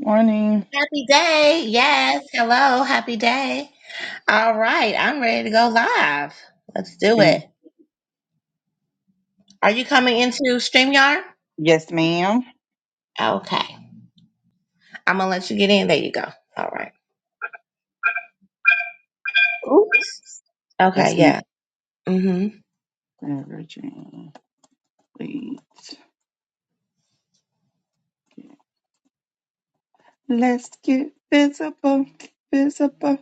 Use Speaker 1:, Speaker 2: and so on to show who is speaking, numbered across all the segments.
Speaker 1: Morning.
Speaker 2: Happy day. Yes. Hello. Happy day. All right. I'm ready to go live. Let's do
Speaker 1: Mm,
Speaker 2: it. Are you coming into StreamYard?
Speaker 1: Yes, ma'am.
Speaker 2: Okay. I'm going to let you get in. There you go. All right. Oops. Okay.
Speaker 1: That's me.
Speaker 2: Yeah. Mm-hmm.
Speaker 1: Sarah Please. Let's get visible. Visible.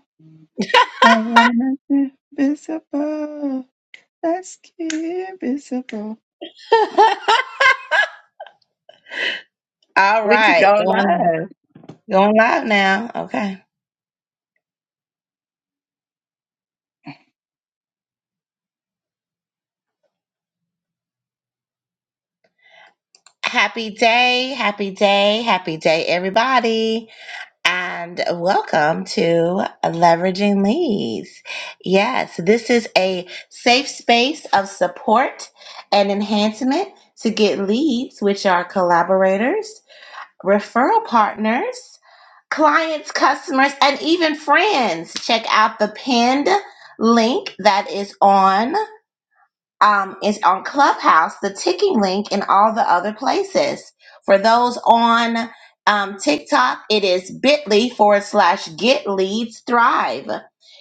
Speaker 1: I wanna get visible. Let's get visible.
Speaker 2: hmm All
Speaker 1: We could
Speaker 2: right.
Speaker 1: go
Speaker 2: Going,
Speaker 1: live.
Speaker 2: going live now. Okay. Happy day. Happy day. Happy day, everybody. and welcome to Leveraging Leads. Yes, this is a safe space of support and enhancement to get leads, which are collaborators, referral partners, clients, customers, and even friends. Check out the pinned link that is on um, is on Clubhouse, the ticking link, and all the other places. For those on um, TikTok, it is bit.ly forward slash get leads thrive.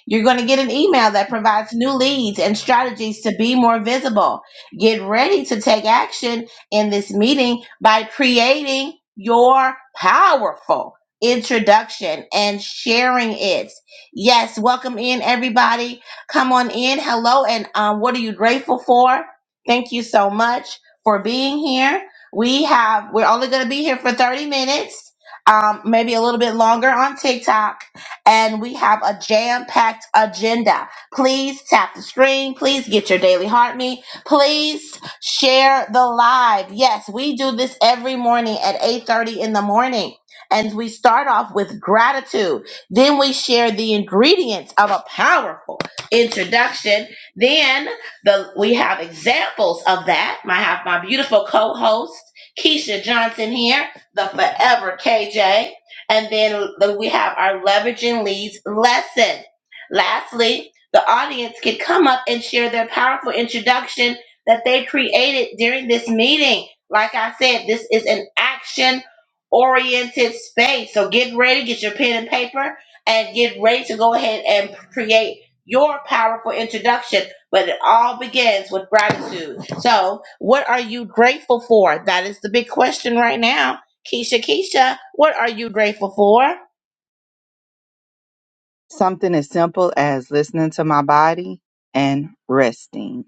Speaker 2: You're going to get an email that provides new leads and strategies to be more visible. Get ready to take action in this meeting by creating your powerful introduction and sharing it. Yes, welcome in everybody Come on in. Hello. And um, what are you grateful for? Thank you so much for being here. We have, we're only going to be here for 30 minutes, um, maybe a little bit longer on TikTok. And we have a jam packed agenda. Please tap the screen. Please get your daily heart meet. Please share the live. Yes, we do this every morning at 8.30 in the morning. And we start off with gratitude. Then we share the ingredients of a powerful introduction. Then the we have examples of that. I have my beautiful co-host Keisha Johnson here, the forever KJ, and then the- we have our leveraging leads lesson. Lastly, the audience can come up and share their powerful introduction that they created during this meeting. Like I said, this is an action oriented space. So get ready, get your pen and paper, and get ready to go ahead and create your powerful introduction, but it all begins with gratitude. So, what are you grateful for? That is the big question right now. Keisha, Keisha, what are you grateful for?
Speaker 1: Something as simple as listening to my body and resting.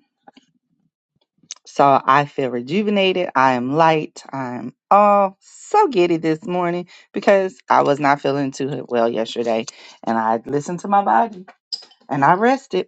Speaker 1: So I feel rejuvenated. I am light. I'm all so giddy this morning because I was not feeling too well yesterday. And I listened to my body And I rested.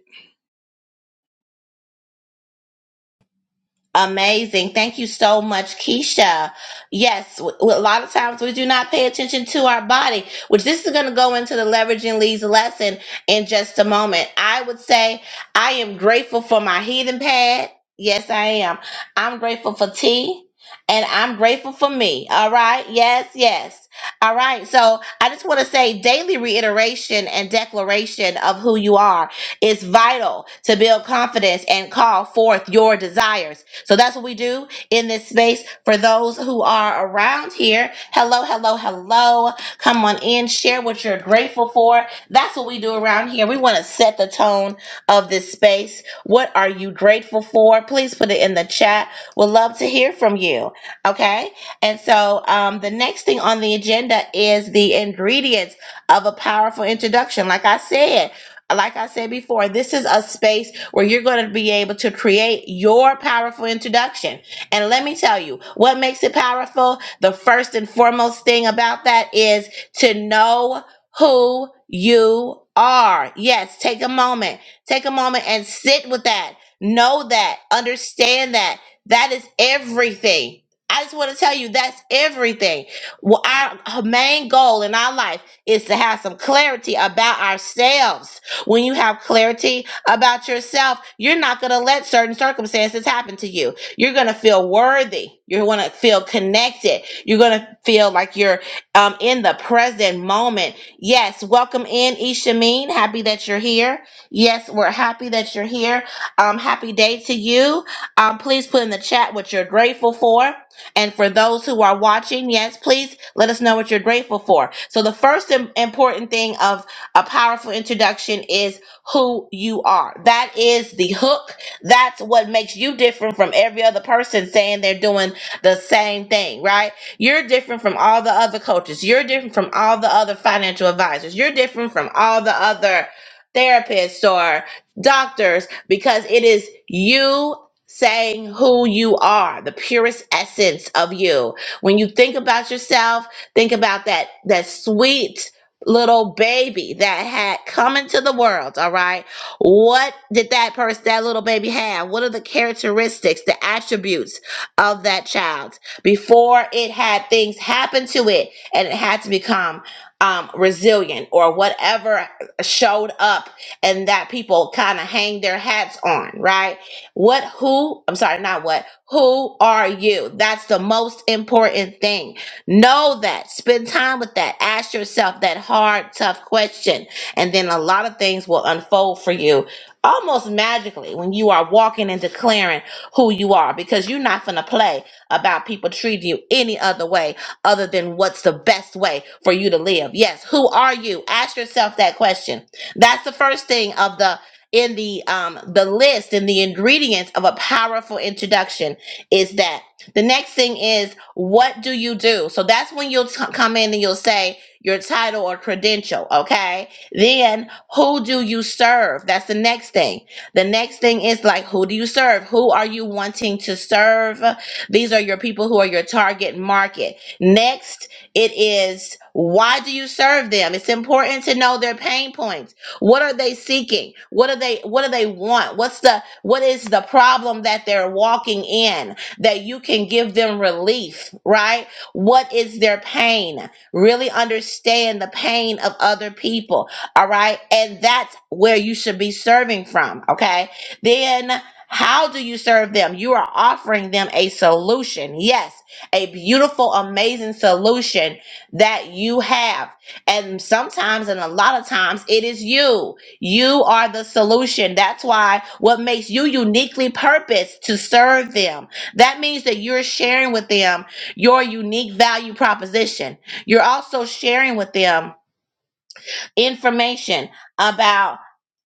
Speaker 2: Amazing. Thank you so much, Keisha. Yes, w- w- a lot of times we do not pay attention to our body, which this is going to go into the leveraging leads lesson in just a moment. I would say I am grateful for my heating pad. Yes, I am. I'm grateful for tea and I'm grateful for me. All right. Yes, yes. All right. So I just want to say daily reiteration and declaration of who you are is vital to build confidence and call forth your desires. So that's what we do in this space. For those who are around here, hello, hello, hello. Come on in, share what you're grateful for. That's what we do around here. We want to set the tone of this space. What are you grateful for? Please put it in the chat. We'd love to hear from you. Okay. And so um, the next thing on the agenda is the ingredients of a powerful introduction. Like I said, like I said before, this is a space where you're going to be able to create your powerful introduction. And let me tell you, what makes it powerful? The first and foremost thing about that is to know who you are. Yes, take a moment. Take a moment and sit with that. Know that. Understand that. That is everything. I just want to tell you that's everything. Well, our main goal in our life is to have some clarity about ourselves when you have clarity about yourself, you're not going to let certain circumstances happen to you. You're going to feel worthy. You're going to feel connected. You're going to feel like you're um, in the present moment. Yes, welcome in, Ishameen. Happy that you're here. Yes, we're happy that you're here. Um, happy day to you. Um, please put in the chat what you're grateful for. And for those who are watching, yes, please let us know what you're grateful for. So the first im- important thing of a powerful introduction is who you are. That is the hook. That's what makes you different from every other person saying they're doing the same thing, right? You're different from all the other coaches. You're different from all the other financial advisors. You're different from all the other therapists or doctors because it is you saying who you are, the purest essence of you. When you think about yourself, think about that that sweet little baby that had come into the world, all right? What did that person, that little baby have? What are the characteristics, the attributes of that child before it had things happen to it and it had to become um, resilient or whatever showed up and that people kind of hang their hats on, right? What, who, I'm sorry, not what, who are you? That's the most important thing Know that. Spend time with that. Ask yourself that hard, tough question. And then a lot of things will unfold for you almost magically when you are walking and declaring who you are because you're not going to play about people treating you any other way other than what's the best way for you to live. Yes, who are you? Ask yourself that question. That's the first thing of the in the um the list and the ingredients of a powerful introduction is that the next thing is, what do you do? So that's when you'll t- come in and you'll say your title or credential, okay? Then, who do you serve? That's the next thing. The next thing is like, who do you serve? Who are you wanting to serve? These are your people who are your target market. Next, it is, why do you serve them? It's important to know their pain points. What are they seeking? What are they what do they want? What's the what is the problem that they're walking in? that you can give them relief, right? What is their pain? Really understand the pain of other people, all right? And that's where you should be serving from, okay? Then how do you serve them? You are offering them a solution. Yes, a beautiful, amazing solution that you have. And sometimes, and a lot of times, it is you. You are the solution. That's why what makes you uniquely purposed to serve them that means that you're sharing with them your unique value proposition. You're also sharing with them information about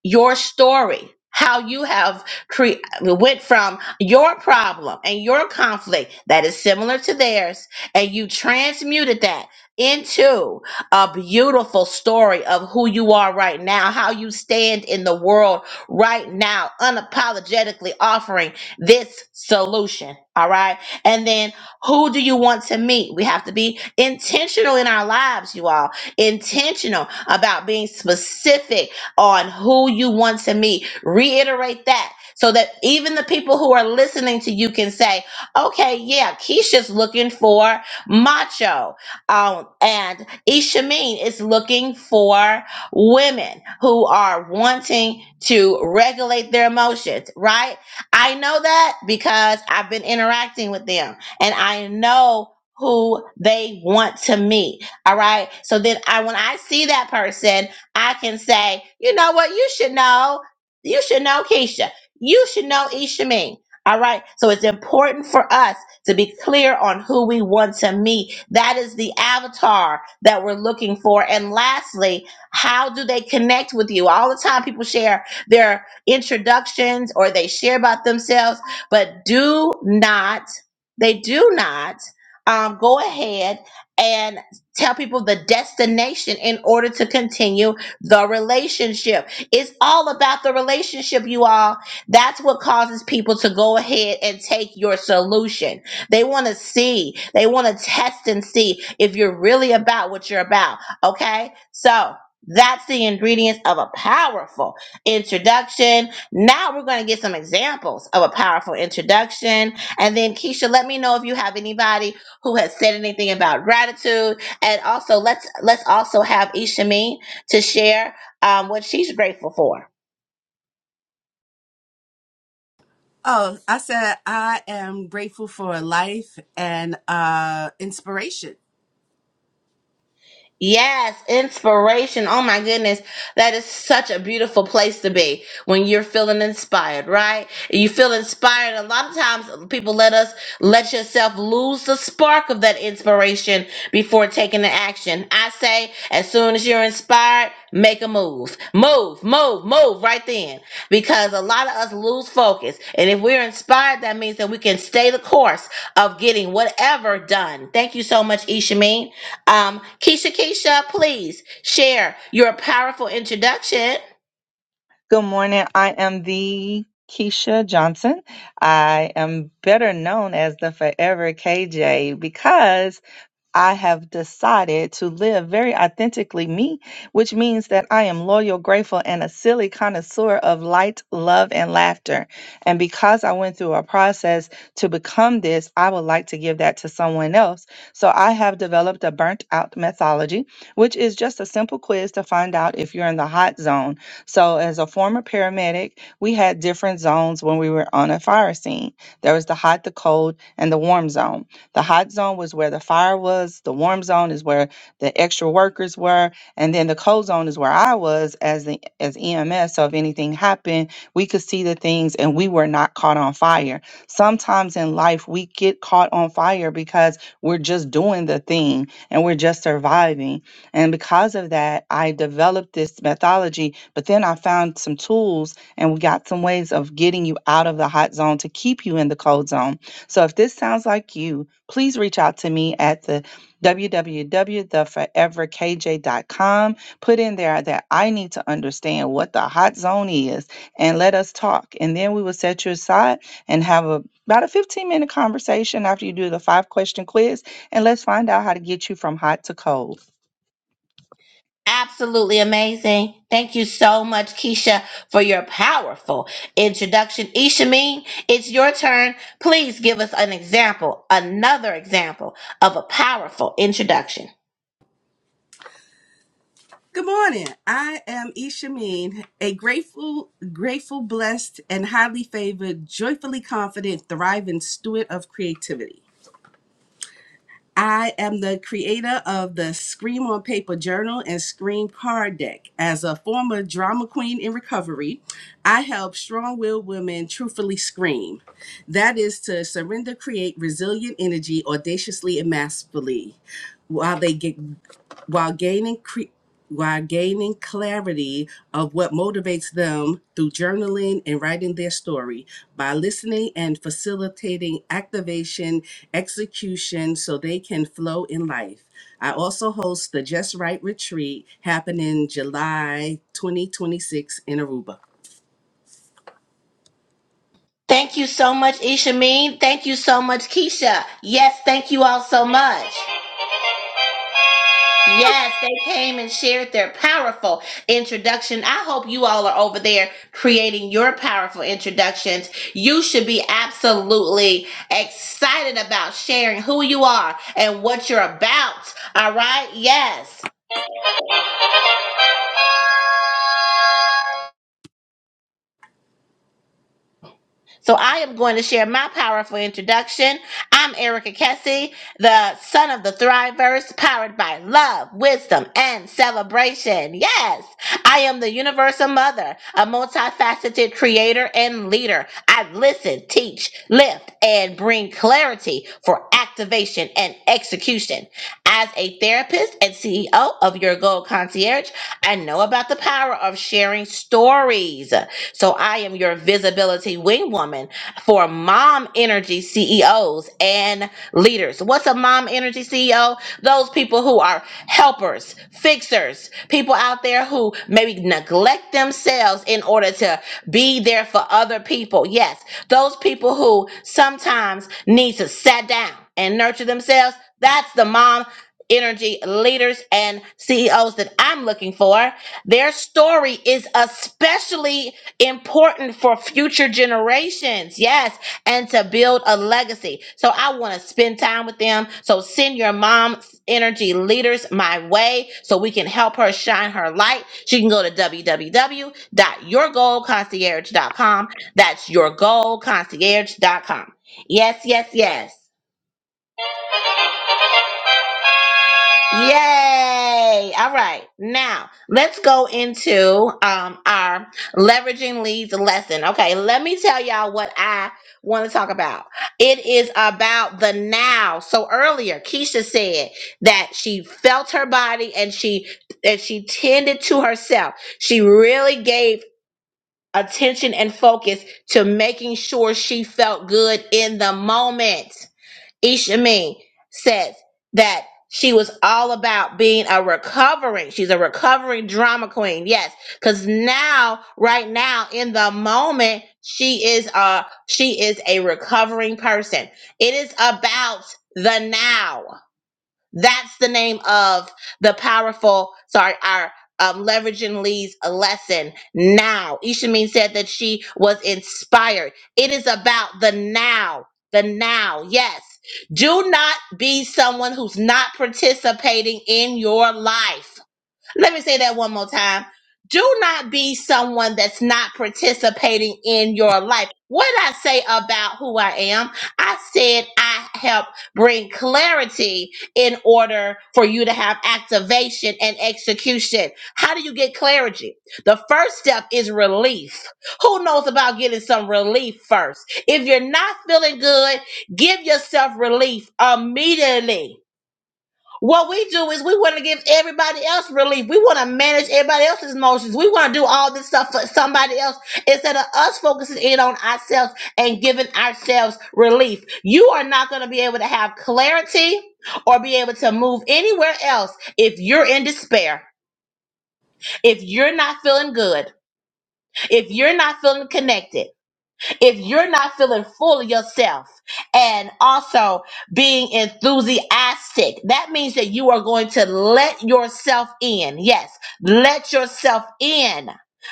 Speaker 2: your story how you have cre- went from your problem and your conflict that is similar to theirs and you transmuted that into a beautiful story of who you are right now how you stand in the world right now unapologetically offering this solution all right and then who do you want to meet we have to be intentional in our lives you all intentional about being specific on who you want to meet. Reiterate that so that even the people who are listening to you can say, okay, yeah, Keisha's looking for macho. Um, and Ishameen is looking for women who are wanting to regulate their emotions, right? I know that because I've been interacting with them and I know who they want to meet. All right. So then I when I see that person, I can say, you know what, you should know. You should know Keisha. You should know Ishameen. All right. So it's important for us to be clear on who we want to meet. That is the avatar that we're looking for. And lastly, how do they connect with you? All the time people share their introductions or they share about themselves, but do not, they do not um, go ahead and tell people the destination in order to continue the relationship. It's all about the relationship, you all. That's what causes people to go ahead and take your solution. They want to see, they want to test and see if you're really about what you're about. Okay? So, that's the ingredients of a powerful introduction. Now we're going to get some examples of a powerful introduction. And then, Keisha, let me know if you have anybody who has said anything about gratitude and also let's let's also have Ishami to share um, what she's grateful for.
Speaker 3: Oh, I said I am grateful for life and uh, inspiration.
Speaker 2: Yes, inspiration. Oh my goodness. That is such a beautiful place to be when you're feeling inspired, right? You feel inspired. A lot of times people let us let yourself lose the spark of that inspiration before taking the action. I say, as soon as you're inspired, make a move. Move, move, move right then. Because a lot of us lose focus. And if we're inspired, that means that we can stay the course of getting whatever done. Thank you so much, Ishameen. Um, Keisha, Keisha, please share your powerful introduction.
Speaker 1: Good morning. I am the Keisha Johnson. I am better known as the Forever KJ because I have decided to live very authentically me, which means that I am loyal, grateful, and a silly connoisseur of light, love, and laughter. And because I went through a process to become this, I would like to give that to someone else. So I have developed a burnt out methodology, which is just a simple quiz to find out if you're in the hot zone. So, as a former paramedic, we had different zones when we were on a fire scene there was the hot, the cold, and the warm zone. The hot zone was where the fire was, the warm zone is where the extra workers were, and then the cold zone is where I was as the as EMS. So if anything happened, we could see the things and we were not caught on fire. Sometimes in life we get caught on fire because we're just doing the thing and we're just surviving. And because of that, I developed this methodology, but then I found some tools and we got some ways of getting you out of the hot zone to keep you in the cold zone. So if this sounds like you, please reach out to me at the www.theforeverkj.com. Put in there that I need to understand what the hot zone is and let us talk. And then we will set you aside and have a, about a 15 minute conversation after you do the five question quiz. And let's find out how to get you from hot to cold.
Speaker 2: Absolutely amazing. Thank you so much, Keisha, for your powerful introduction. Ishameen, it's your turn. Please give us an example, another example of a powerful introduction.
Speaker 3: Good morning. I am Ishameen, a grateful, grateful, blessed, and highly favored, joyfully confident, thriving steward of creativity. I am the creator of the Scream on Paper Journal and Scream Card Deck. As a former drama queen in recovery, I help strong willed women truthfully scream. That is to surrender, create resilient energy audaciously and masterfully. While they get while gaining cre- while gaining clarity of what motivates them through journaling and writing their story by listening and facilitating activation execution so they can flow in life i also host the just right retreat happening july 2026 in aruba
Speaker 2: Thank you so much, Ishameen. Thank you so much, Keisha. Yes, thank you all so much. Yes, they came and shared their powerful introduction. I hope you all are over there creating your powerful introductions. You should be absolutely excited about sharing who you are and what you're about. All right? Yes. So I am going to share my powerful introduction. I'm Erica Kessie, the son of the Thriverse, powered by love, wisdom, and celebration. Yes, I am the universal mother, a multifaceted creator and leader. I listen, teach, lift, and bring clarity for activation and execution. As a therapist and CEO of Your Gold Concierge, I know about the power of sharing stories. So I am your visibility wing woman for mom energy CEOs and leaders. What's a mom energy CEO? Those people who are helpers, fixers, people out there who maybe neglect themselves in order to be there for other people. Yes, those people who sometimes need to sit down and nurture themselves. That's the mom energy leaders and CEOs that I'm looking for. Their story is especially important for future generations. Yes, and to build a legacy. So I want to spend time with them. So send your mom's energy leaders my way so we can help her shine her light. She can go to www.yourgoalconcierge.com. That's yourgoalconcierge.com. Yes, yes, yes. Yay! All right, now let's go into um, our leveraging leads lesson. Okay, let me tell y'all what I want to talk about. It is about the now. So earlier, Keisha said that she felt her body and she and she tended to herself. She really gave attention and focus to making sure she felt good in the moment. Isha Mee says that she was all about being a recovering. She's a recovering drama queen. Yes, because now, right now, in the moment, she is a she is a recovering person. It is about the now. That's the name of the powerful, sorry, our um, leveraging Lee's lesson now. Ishamin said that she was inspired. It is about the now, the now. Yes. Do not be someone who's not participating in your life. Let me say that one more time. Do not be someone that's not participating in your life. What did I say about who I am, I said I help bring clarity in order for you to have activation and execution. How do you get clarity? The first step is relief. Who knows about getting some relief first? If you're not feeling good, give yourself relief immediately what we do is we want to give everybody else relief. We want to manage everybody else's emotions. We want to do all this stuff for somebody else instead of us focusing in on ourselves and giving ourselves relief. You are not going to be able to have clarity or be able to move anywhere else if you're in despair, if you're not feeling good, if you're not feeling connected if you're not feeling full of yourself and also being enthusiastic, that means that you are going to let yourself in. Yes, let yourself in.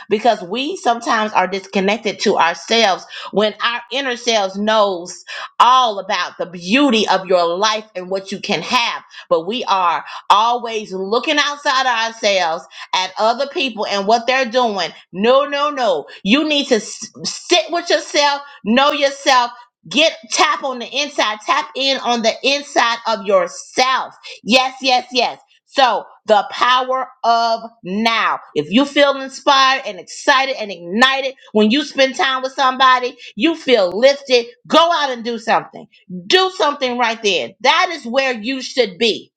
Speaker 2: Because we sometimes are disconnected to ourselves when our inner selves knows all about the beauty of your life and what you can have. But we are always looking outside of ourselves at other people and what they're doing. No, no, no. You need to s- sit with yourself, know yourself, get tap on the inside, tap in on the inside of yourself. Yes, yes, yes. So, the power of now. If you feel inspired and excited and ignited when you spend time with somebody, you feel lifted, go out and do something. Do something right there. That is where you should be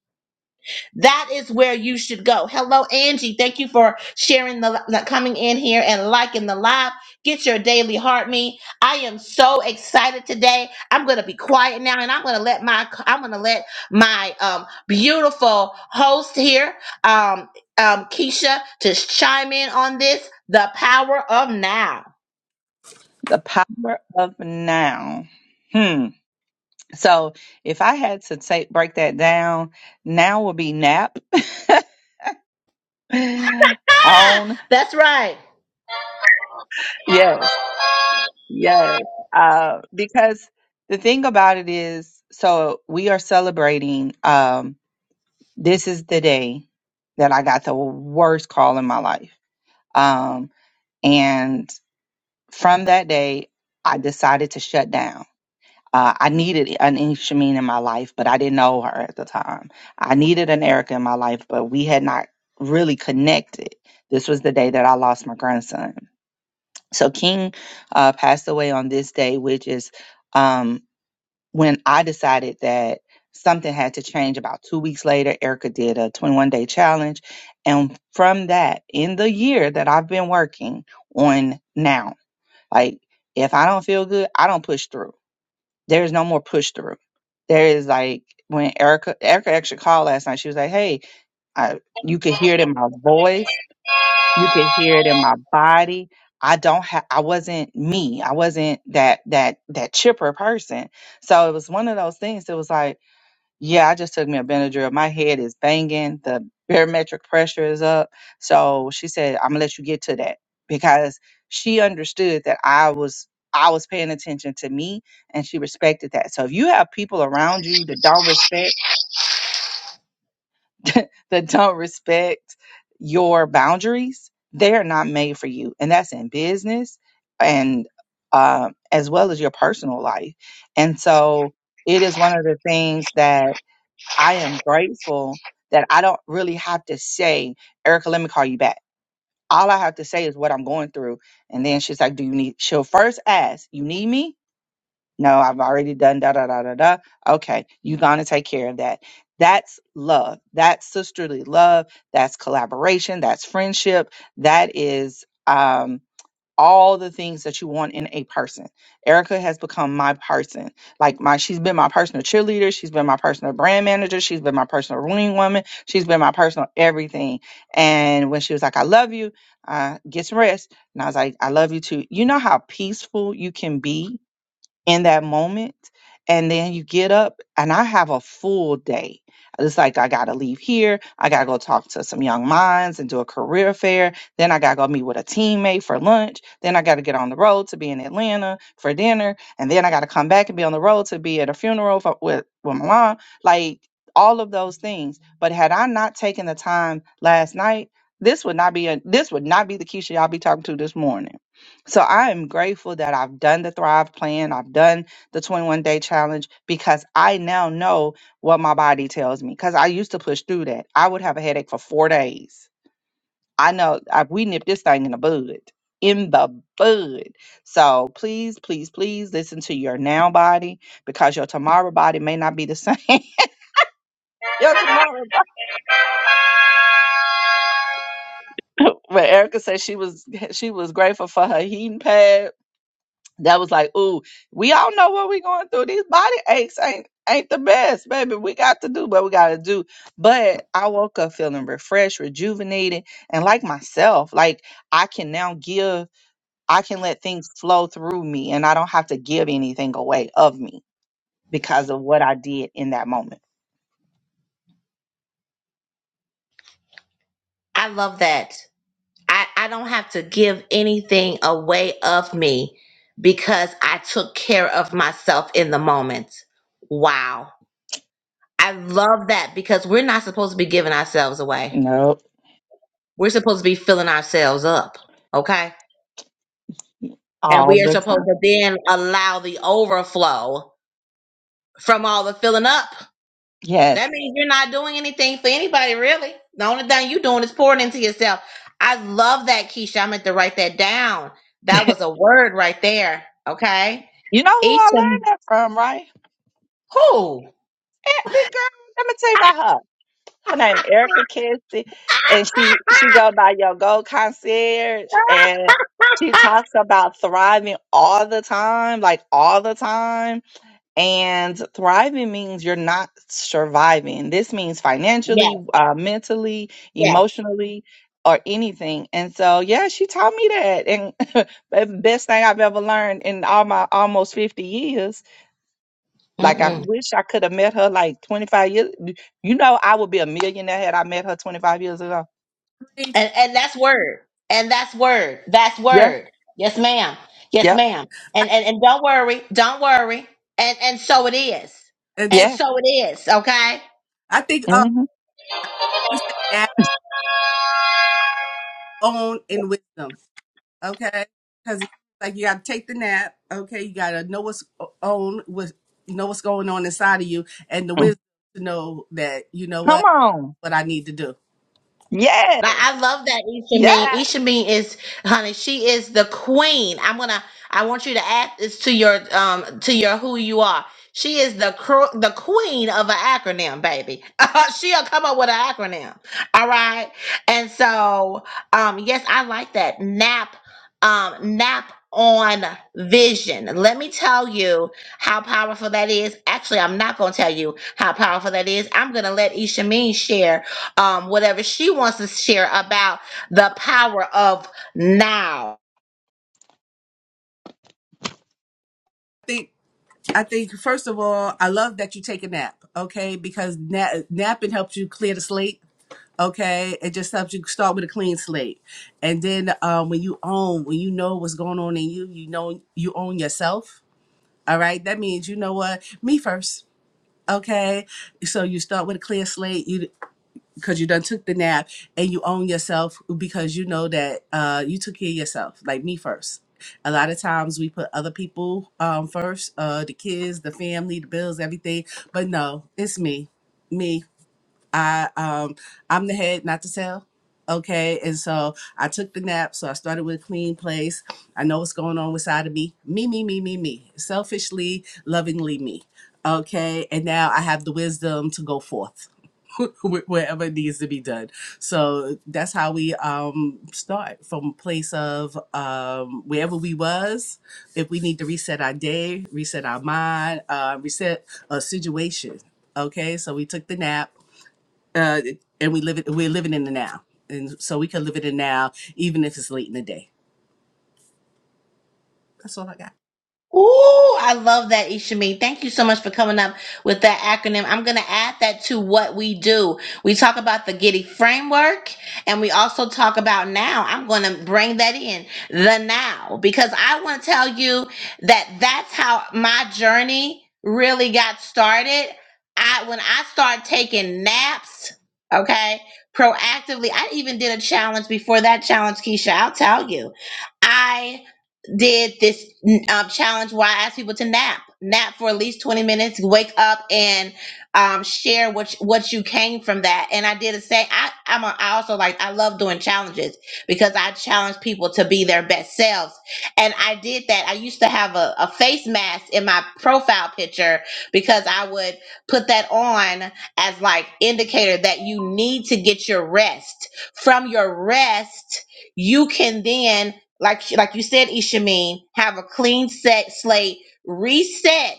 Speaker 2: that is where you should go. Hello, Angie. Thank you for sharing the, the- coming in here and liking the live. Get your daily heart me. I am so excited today. I'm gonna be quiet now, and I'm gonna let my I'm gonna let my um, beautiful host here, um, um, Keisha, to chime in on this. The power of now.
Speaker 1: The power of now. Hmm. So if I had to take break that down, now would be nap.
Speaker 2: Ah,
Speaker 1: On
Speaker 2: that's right.
Speaker 1: yes, yes. Uh, because the thing about it is, so we are celebrating. Um, this is the day that I got the worst call in my life. Um, and from that day, I decided to shut down. Uh, I needed an Shameen in my life, but I didn't know her at the time. I needed an Erica in my life, but we had not really connected. This was the day that I lost my grandson. So King uh, passed away on this day, which is um, when I decided that something had to change. About two weeks later, Erica did a 21 day challenge. And from that, in the year that I've been working on now, like if I don't feel good, I don't push through there's no more push through. There is like when Erica Erica actually called last night, she was like, Hey, I you could hear it in my voice, you could hear it in my body. I don't have I wasn't me. I wasn't that that that chipper person. So it was one of those things that was like yeah, I just took me a Benadryl. My head is banging. The barometric pressure is up. So she said, "I'm gonna let you get to that," because she understood that I was I was paying attention to me, and she respected that. So if you have people around you that don't respect that don't respect your boundaries, they are not made for you, and that's in business and um, as well as your personal life. And so it is one of the things that I am grateful that I don't really have to say, Erica, let me call you back. All I have to say is what I'm going through. And then she's like, Do you need? She'll first ask, You need me? No, I've already done da da da da da. Okay, you gonna take care of that. That's love. That's sisterly love. That's collaboration. That's friendship. That is um all the things that you want in a person. Erica has become my person. Like my she's been my personal cheerleader, she's been my personal brand manager, she's been my personal running woman, she's been my personal everything. And when she was like, I love you, uh, get some rest. And I was like, I love you too. You know how peaceful you can be in that moment and then you get up and i have a full day it's like i gotta leave here i gotta go talk to some young minds and do a career fair then i gotta go meet with a teammate for lunch then i gotta get on the road to be in atlanta for dinner and then i gotta come back and be on the road to be at a funeral for, with, with my mom like all of those things but had i not taken the time last night this would not be a this would not be the keisha y'all be talking to this morning so I am grateful that I've done the Thrive Plan, I've done the 21 Day Challenge because I now know what my body tells me. Because I used to push through that. I would have a headache for four days. I know I, we nipped this thing in the bud, in the bud. So please, please, please listen to your now body because your tomorrow body may not be the same. your tomorrow body. But Erica said she was she was grateful for her heating pad that was like, ooh, we all know what we're going through. These body aches ain't ain't the best, baby. We got to do what we gotta do. But I woke up feeling refreshed, rejuvenated, and like myself. Like I can now give, I can let things flow through me and I don't have to give anything away of me because of what I did in that moment.
Speaker 2: I love that. I, I don't have to give anything away of me because I took care of myself in the moment. Wow. I love that because we're not supposed to be giving ourselves away.
Speaker 1: Nope.
Speaker 2: We're supposed to be filling ourselves up. Okay. And
Speaker 1: All
Speaker 2: we are
Speaker 1: the
Speaker 2: supposed
Speaker 1: time.
Speaker 2: to then allow the overflow from all the filling up.
Speaker 1: Yes.
Speaker 2: That means you're not doing anything for anybody, really. The only thing you're doing is pouring into yourself. I love that, Keisha. I meant to write that down. That was a word right there. Okay.
Speaker 1: You know who
Speaker 2: each
Speaker 1: I learned
Speaker 2: and
Speaker 1: that from, right?
Speaker 2: who?
Speaker 1: Eh, the girl, let me tell you about her. her name Erica Cassie, and she she go by your gold concierge, and she talks about thriving all the time, like all the time. And thriving means you're not surviving. This means
Speaker 2: yes,
Speaker 1: financially, uh, mentally,
Speaker 2: yes.
Speaker 1: emotionally. Or anything, and so yeah, she taught me that, and the best thing I've ever learned in all my almost fifty years like I
Speaker 2: Mm-mm.
Speaker 1: wish I could have met her like 25 years. You know, I would be a millionaire had I met her 25 years ago.
Speaker 2: And, and that's word. And that's word. That's
Speaker 1: Yeah.
Speaker 2: word. Yes, ma'am. Yes,
Speaker 1: Yep.
Speaker 2: ma'am. And, and and don't worry. Don't worry. And and so it is.
Speaker 3: And so
Speaker 2: And
Speaker 1: Yeah.
Speaker 2: so it is. Okay.
Speaker 3: I think uh,
Speaker 1: hmm
Speaker 2: Thank
Speaker 3: you said now,
Speaker 2: you.
Speaker 3: own, in wisdom. okay? Because it's like you got to take the nap, okay? You got to know what's on, what know what's going on inside of you, and the wisdom to know that you know
Speaker 1: Come
Speaker 3: what
Speaker 1: on.
Speaker 3: what I need to do. I
Speaker 2: Like I
Speaker 1: Yes.
Speaker 2: love that Isha
Speaker 1: Yes.
Speaker 2: Mean. Isha Mean is, honey, she is the queen. I'm gonna. I want you to add this to your um to your who you are. She is the cr- the queen of an acronym, baby. She'll come up with an acronym. All right. And so, um, yes, I like that nap, um, nap on vision. Let me tell you how powerful that is. Actually, I'm not gonna tell you how powerful that is. I'm gonna let Isha Mean share um, whatever she wants to share about the power of now
Speaker 3: think I think first of all, I love that you take a nap, okay? Because na- napping helps you clear the slate. Okay, it just helps you start with a clean slate, and then um, when you own, when you know what's going on in you, you know you own yourself. All right, that means you know what me first. Okay, so you start with a clear slate. You because you done took the nap and you own yourself because you know that uh, you took care of yourself, like me first. A lot of times we put other people um, first, uh, the kids, the family, the bills, everything. But no, it's me. Me I um I'm the head, not the tail. Okay. And so I took the nap. So I started with a clean place. I know what's going on inside of me. Me, me, me, me, me. Selfishly, lovingly me. Okay. And now I have the wisdom to go forth. wh- wherever it needs to be done. So that's how we um, start from a place of um, wherever we was. If we need to reset our day, reset our mind, uh, reset a situation. Okay, so we took the nap uh, and we live it. We're living in the now, and so we can live it in now, even if it's late in the day. That's all I got.
Speaker 2: Ooh, I love that, Ishami. Thank you so much for coming up with that acronym. I'm going to add that to what we do. We talk about the Giddy framework, and we also talk about now. I'm going to bring that in the now because I want to tell you that that's how my journey really got started. I when I started taking naps, okay, proactively. I even did a challenge before that challenge, Keisha. I'll tell you, I did this mm, um, challenge where I asked people to nap, nap for at least 20 minutes, wake up and um, share what you- what you came from that. And I did the same. I I'm a, I also like I love doing challenges because I challenge people to be their best selves. And I did that. I used to have a, a face mask in my profile picture because I would put that on as like indicator that you need to get your rest. From your rest, you can then like like you said, Ishamin, have a clean set slate, reset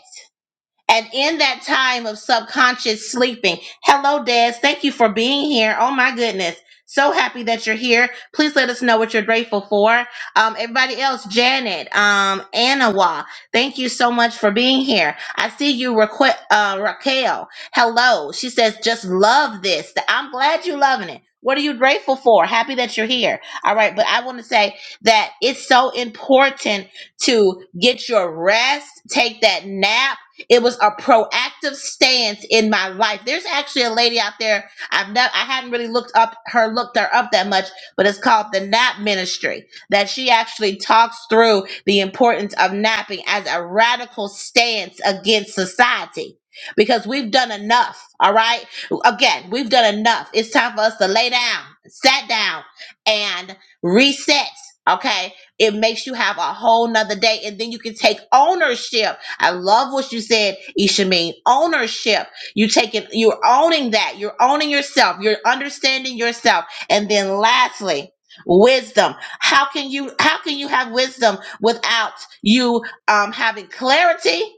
Speaker 2: and in that time of subconscious sleeping, hello, Des. Thank you for being here. Oh, my goodness. So happy that you're here. Please let us know what you're grateful for. Um, everybody else, Janet, um, Anawa, thank you so much for being here. I see you, Raquel, uh, Raquel. Hello. She says, just love this. I'm glad you're loving it. What are you grateful for? Happy that you're here. All right. But I want to say that it's so important to get your rest, take that nap it was a proactive stance in my life. There's actually a lady out there. I've never, I hadn't really looked up her, looked her up that much, but it's called the Nap Ministry. That she actually talks through the importance of napping as a radical stance against society. Because we've done enough, all right? Again, we've done enough. It's time for us to lay down, sat down, and reset, okay? It makes you have a whole nother day, and then you can take ownership I love what you said, Ishameen. Ownership. You taking you're owning that. You're owning yourself. You're understanding yourself. And then lastly, wisdom. How can you how can you have wisdom without you um having clarity?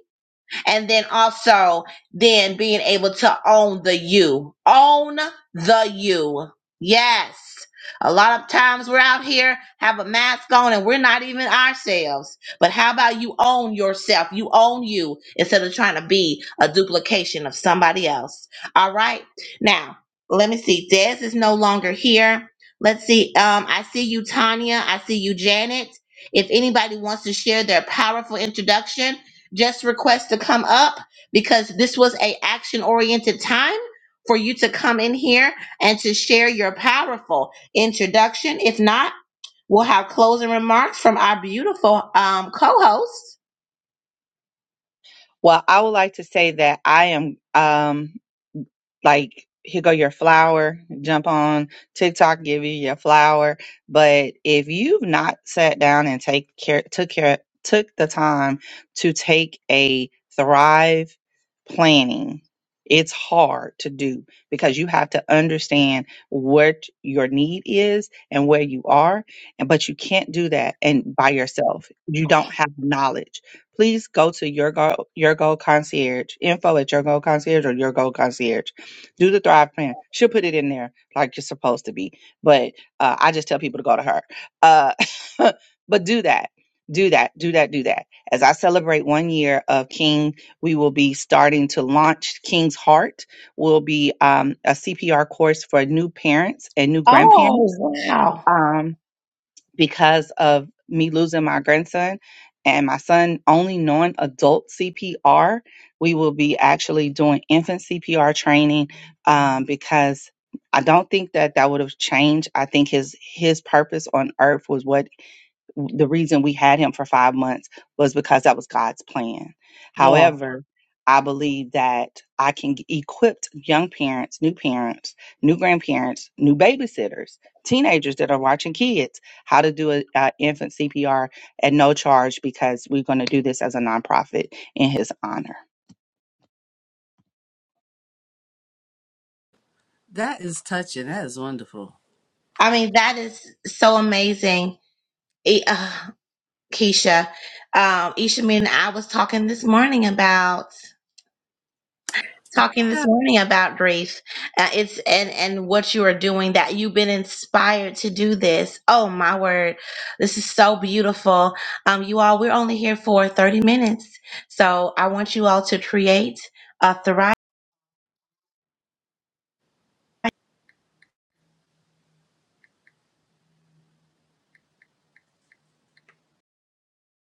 Speaker 2: and then also then being able to own the you own the you yes a lot of times we're out here have a mask on and we're not even ourselves but how about you own yourself you own you instead of trying to be a duplication of somebody else all right now let me see des is no longer here let's see um i see you tanya i see you janet if anybody wants to share their powerful introduction just request to come up because this was a action oriented time for you to come in here and to share your powerful introduction if not we'll have closing remarks from our beautiful um, co-host
Speaker 1: Well, I would like to say that I am. Um, like here go your flower jump on tiktok give you your flower but if you've not sat down and take care took care took the time to take a thrive planning it's hard to do because you have to understand what your need is and where you are and but you can't do that and by yourself you don't have knowledge please go to your go your goal concierge info at your goal concierge or your goal concierge do the thrive plan she'll put it in there like you're supposed to be but uh, i just tell people to go to her uh, but do that do that do that do that as i celebrate one year of king we will be starting to launch king's heart will be um, a cpr course for new parents and new
Speaker 2: oh
Speaker 1: grandparents
Speaker 2: wow
Speaker 1: Um, because of me losing my grandson and my son only knowing adult CPR, we will be actually doing infant CPR training um, because I don't think that that would have changed. I think his his purpose on earth was what the reason we had him for five months was because that was God's plan.
Speaker 2: yeah
Speaker 1: However, I believe that I can g- equip young parents, new parents, new grandparents, new babysitters, teenagers that are watching kids how to do an infant CPR at no charge because we're going to do this as a nonprofit in his honor.
Speaker 3: That is touching. That is wonderful.
Speaker 2: i mean that is so amazing E- uh, keisha um, isha me and i was talking this morning about talking this morning about grief. Uh, it's and and what you are doing that you've been inspired to do this. Oh my word, this is so beautiful. Um, you all, we're only here for thirty minutes, so I want you all to create a thrive.